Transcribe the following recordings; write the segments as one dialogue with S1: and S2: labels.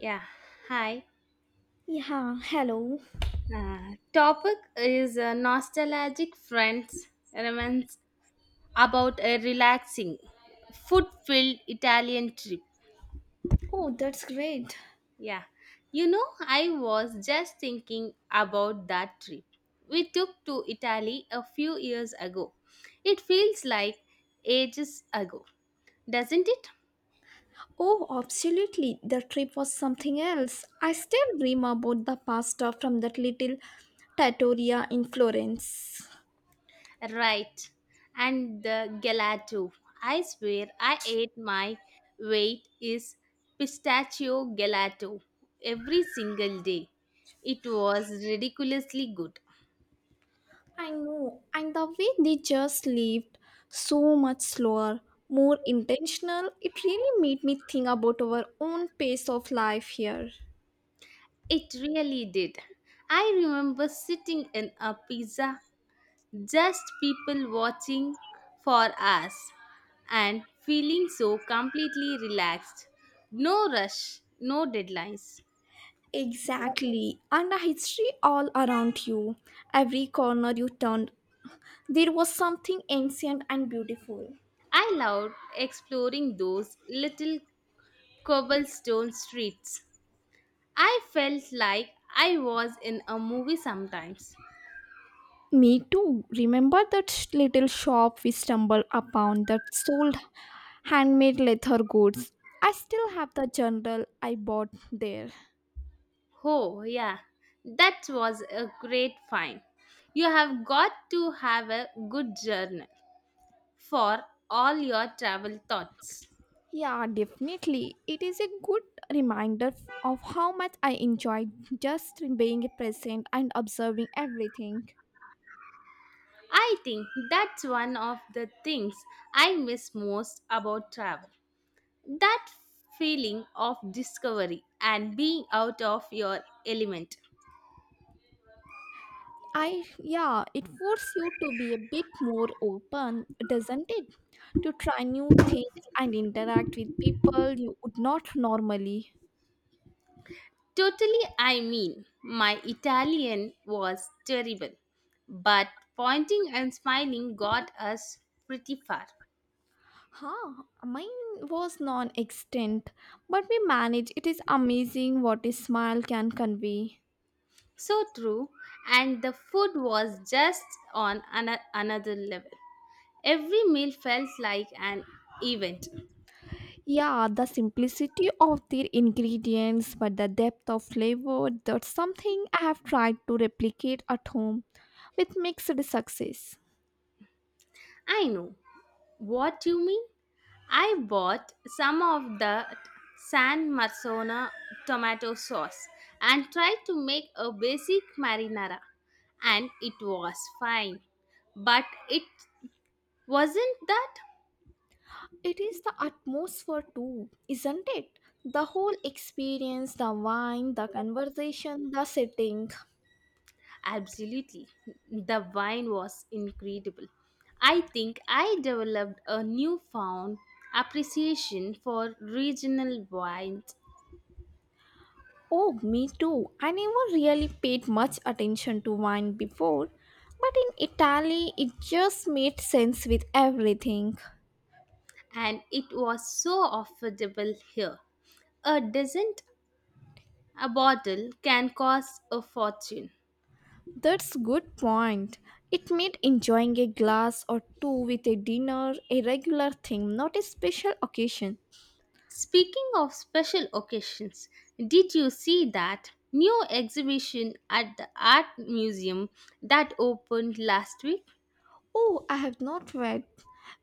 S1: Yeah, hi.
S2: Yeah, hello.
S1: Topic is nostalgic friends reminisce about a relaxing, food-filled Italian trip.
S2: Oh, that's great.
S1: Yeah, I was just thinking about that trip we took to Italy a few years ago. It feels like ages ago, doesn't it?
S2: Oh, absolutely. The trip was something else. I still dream about the pasta from that little trattoria in Florence.
S1: Right. And the gelato. I swear I ate my weight is pistachio gelato every single day. It was ridiculously good.
S2: I know, and the way they just lived, so much slower, more intentional, it really made me think about our own pace of life here.
S1: It really did. I remember sitting in a pizza, just people watching for us and feeling so completely relaxed. No rush, no deadlines.
S2: Exactly, and a history all around you. Every corner you turned, there was something ancient and beautiful.
S1: I loved exploring those little cobblestone streets. I felt like I was in a movie sometimes.
S2: Me too. Remember that little shop we stumbled upon that sold handmade leather goods? I still have the journal I bought there.
S1: Oh, yeah, that was a great find. You have got to have a good journal for all your travel thoughts.
S2: Yeah, definitely. It is a good reminder of how much I enjoyed just being present and observing everything.
S1: I think that's one of the things I miss most about travel. That feeling of discovery and being out of your element.
S2: Yeah, it forces you to be a bit more open, doesn't it? To try new things and interact with people you would not normally.
S1: Totally, I mean, my Italian was terrible, but pointing and smiling got us pretty far.
S2: Huh, mine was non-extant, but we managed. It is amazing what a smile can convey.
S1: So true, and the food was just on another level. Every meal felt like an event.
S2: Yeah, the simplicity of their ingredients, but the depth of flavor, that's something I have tried to replicate at home with mixed success.
S1: I know what you mean. I bought some of the San Marzano tomato sauce and tried to make a basic marinara, and it was fine. But it wasn't that.
S2: It is the atmosphere too, isn't it? The whole experience, the wine, the conversation, the setting.
S1: Absolutely. The wine was incredible. I think I developed a newfound appreciation for regional wines,
S2: Oh, me too. I never really paid much attention to wine before, but in Italy it just made sense with everything.
S1: and it was so affordable here. A decent A bottle can cost a fortune.
S2: That's good point. It made enjoying a glass or two with a dinner a regular thing, not a special occasion.
S1: Speaking of special occasions, did you see that new exhibition at the art museum that opened last week?
S2: Oh, I have not read.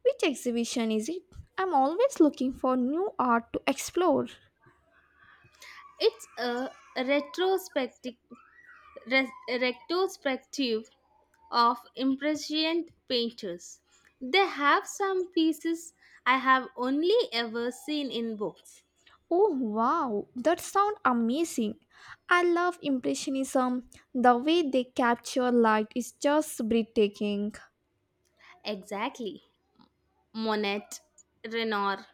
S2: Which exhibition is it? I'm always looking for new art to explore.
S1: It's a retrospective, retrospective of impressionist painters. They have some pieces I have only ever seen in books.
S2: Oh wow, that sounds amazing. I love Impressionism. The way they capture light is just breathtaking.
S1: Exactly. Monet, Renoir,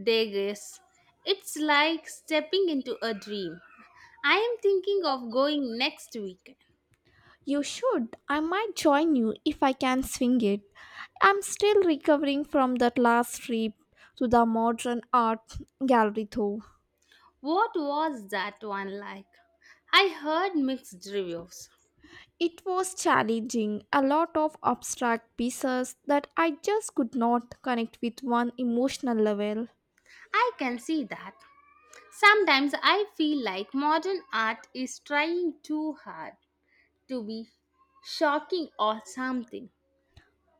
S1: Degas. It's like stepping into a dream. I am thinking of going next weekend.
S2: You should. I might join you if I can swing it. I'm still recovering from that last trip to the modern art gallery though.
S1: What was that one like? I heard mixed reviews.
S2: It was challenging, a lot of abstract pieces that I just could not connect with one emotional level.
S1: I can see that. Sometimes I feel like modern art is trying too hard to be shocking or something.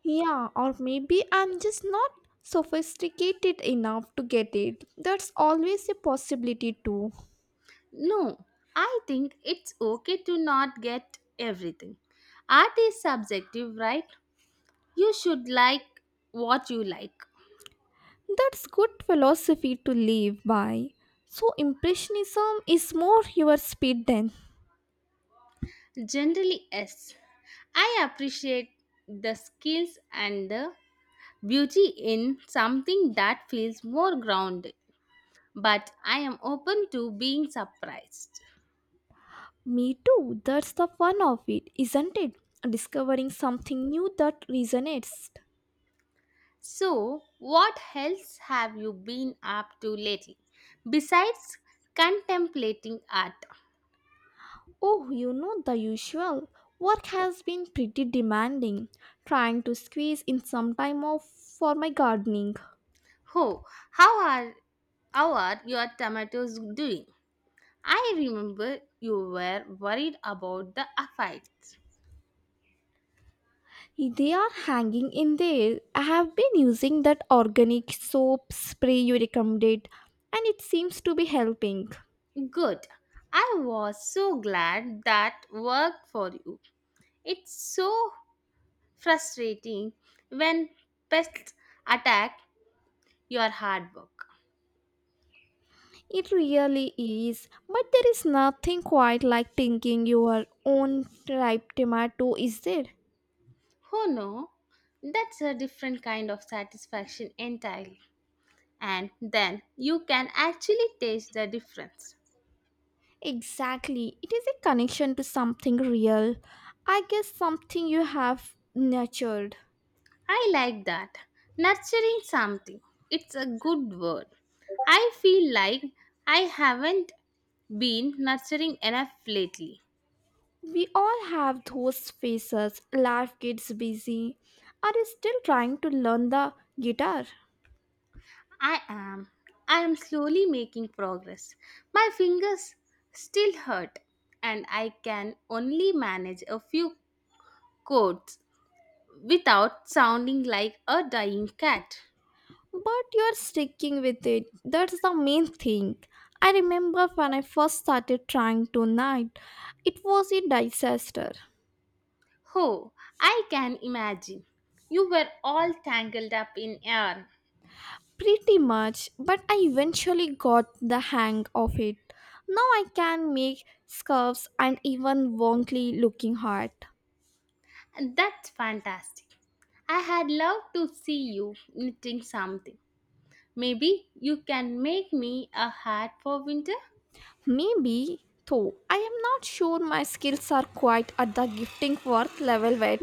S2: Yeah, or maybe I'm just not sophisticated enough to get it. That's always a possibility, too.
S1: No, I think it's okay to not get everything. Art is subjective, right? You should like what you like.
S2: That's good philosophy to live by. So, Impressionism is more your speed than
S1: Generally, yes. I appreciate the skills and the beauty in something that feels more grounded, but I am open to being surprised.
S2: me, too. That's the fun of it, isn't it? Discovering something new that resonates.
S1: So, what else have you been up to lately besides contemplating art?
S2: Oh, you know the usual. Work has been pretty demanding, trying to squeeze in some time off for my gardening.
S1: Oh, how are how are your tomatoes doing? I remember you were worried about the affair.
S2: They are hanging in there. I have been using that organic soap spray you recommended, and it seems to be helping.
S1: Good. I was so glad that worked for you. It's so frustrating when pests attack your hard work.
S2: It really is, but there is nothing quite like thinking your own ripe tomato, is there?
S1: Oh no, that's a different kind of satisfaction entirely. And then you can actually taste the difference.
S2: Exactly. It is a connection to something real. I guess something you have nurtured.
S1: I like that. Nurturing something. It's a good word. I feel like I haven't been nurturing enough lately.
S2: We all have those phases. Life gets busy. Are you still trying to learn the guitar?
S1: I am. I am slowly making progress. My fingers still hurt, and I can only manage a few chords without sounding like a dying cat.
S2: But you're sticking with it. That's the main thing. I remember when I first started trying to knit, it was a disaster.
S1: Oh, I can imagine. You were all tangled up in yarn.
S2: Pretty much, but I eventually got the hang of it. Now I can make scarves and even wonky looking hat.
S1: And that's fantastic. I had loved to see you knitting something. Maybe you can make me a hat for winter?
S2: Maybe, though, I am not sure my skills are quite at the gifting worth level yet.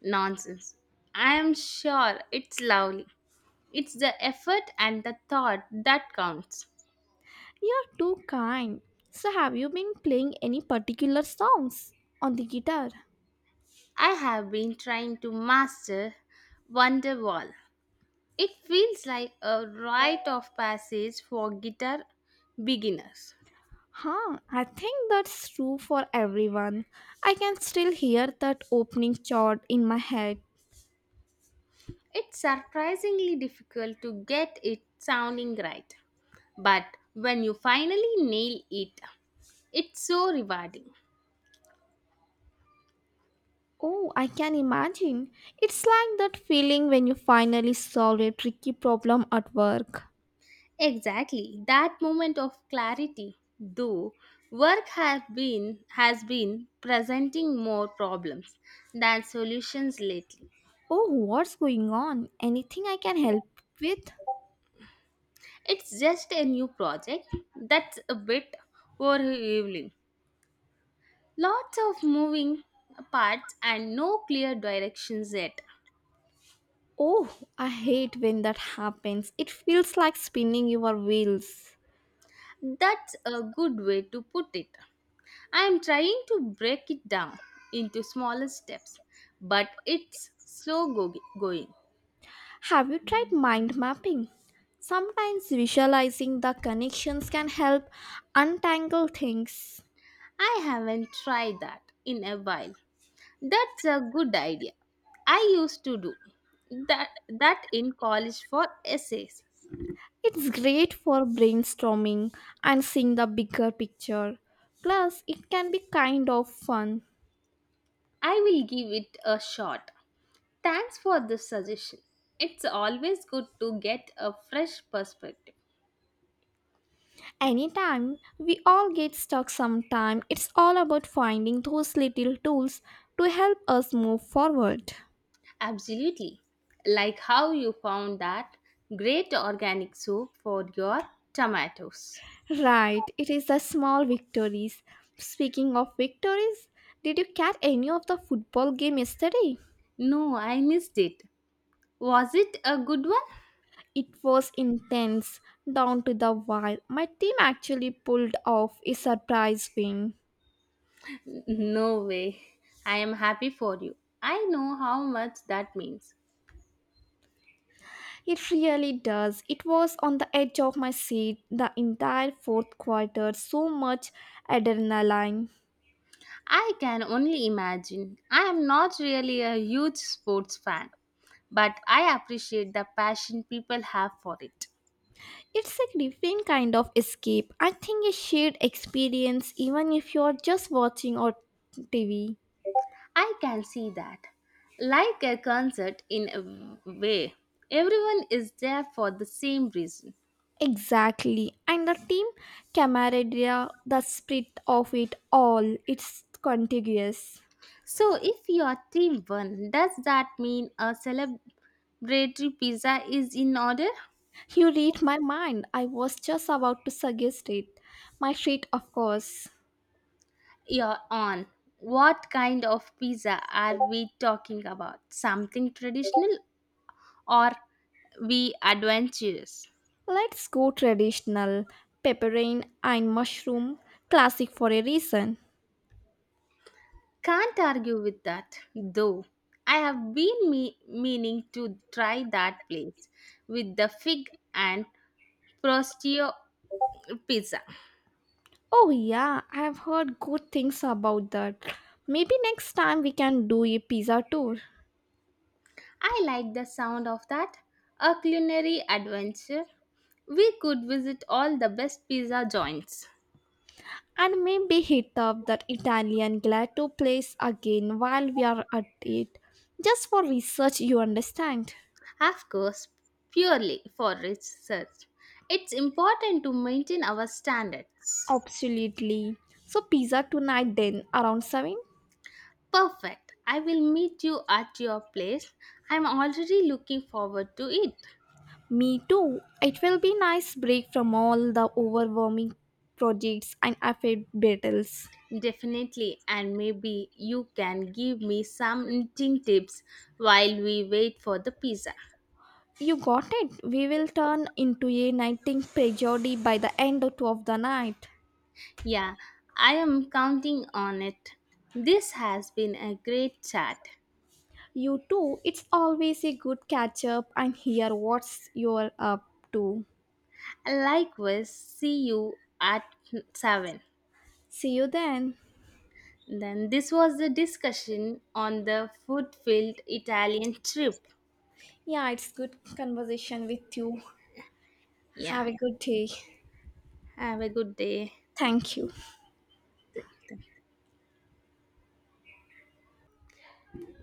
S1: Nonsense. I am sure it's lovely. It's the effort and the thought that counts.
S2: You're too kind. So, have you been playing any particular songs on the guitar?
S1: I have been trying to master Wonderwall. It feels like a rite of passage for guitar beginners.
S2: Huh, I think that's true for everyone. I can still hear that opening chord in my head.
S1: It's surprisingly difficult to get it sounding right, but when you finally nail it, it's so rewarding.
S2: Oh, I can imagine. It's like that feeling when you finally solve a tricky problem at work.
S1: Exactly. That moment of clarity, though, work have been has been presenting more problems than solutions lately.
S2: Oh, what's going on? Anything I can help with?
S1: It's just a new project that's a bit overwhelming. Lots of moving parts and no clear directions yet.
S2: Oh, I hate when that happens. It feels like spinning your wheels.
S1: That's a good way to put it. I am trying to break it down into smaller steps, but it's slow going.
S2: Have you tried mind mapping? Sometimes visualizing the connections can help untangle things.
S1: I haven't tried that in a while. That's a good idea. I used to do that in college for essays.
S2: It's great for brainstorming and seeing the bigger picture. Plus, it can be kind of fun.
S1: I will give it a shot. Thanks for the suggestion. It's always good to get a fresh perspective.
S2: Anytime we all get stuck sometime, it's all about finding those little tools to help us move forward.
S1: Absolutely. Like how you found that great organic soup for your tomatoes.
S2: Right, it is the small victories. Speaking of victories, did you catch any of the football game yesterday?
S1: No, I missed it. Was it a good one?
S2: It was intense down to the wire. My team actually pulled off a surprise win.
S1: No way. I am happy for you. I know how much that means.
S2: It really does. It was on the edge of my seat the entire fourth quarter, so much adrenaline.
S1: I can only imagine. I am not really a huge sports fan, but I appreciate the passion people have for it.
S2: It's a different kind of escape. I think a shared experience, even if you're just watching on TV.
S1: I can see that. Like a concert in a way, everyone is there for the same reason.
S2: Exactly. And the team camaraderie, the spirit of it all, it's contagious.
S1: So if your team won, does that mean a celebratory pizza is in order?
S2: You read my mind. I was just about to suggest it. My treat, of course.
S1: You're on. What kind of pizza are we talking about? Something traditional or we adventurous?
S2: Let's go traditional pepperine and mushroom, classic for a reason.
S1: Can't argue with that, though. I have been meaning to try that place with the fig and prostio pizza.
S2: Oh, yeah, I've heard good things about that. Maybe next time we can do a pizza tour
S1: I like the sound of that. A culinary adventure. We could visit all the best pizza joints.
S2: and maybe hit up that Italian gelato place again while we are at it. Just for research, you understand?
S1: Of course, purely for research. It's important to maintain our standards.
S2: Absolutely. So, pizza tonight then around 7?
S1: Perfect. I will meet you at your place. I'm already looking forward to it.
S2: Me too. It will be nice break from all the overwhelming projects and affairs battles.
S1: Definitely, and maybe you can give me some knitting tips while we wait for the pizza.
S2: You got it. We will turn into a nighting prejody by the end of the night.
S1: Yeah, I am counting on it. This has been a great chat.
S2: You too. It's always a good catch up and hear what's you're up to.
S1: Likewise, see you at 7.
S2: See you then.
S1: Then this was the discussion on the food-filled Italian trip.
S2: Yeah, it's good conversation with you.
S1: Yeah.
S2: Have a good day.
S1: Have a good day.
S2: Thank you.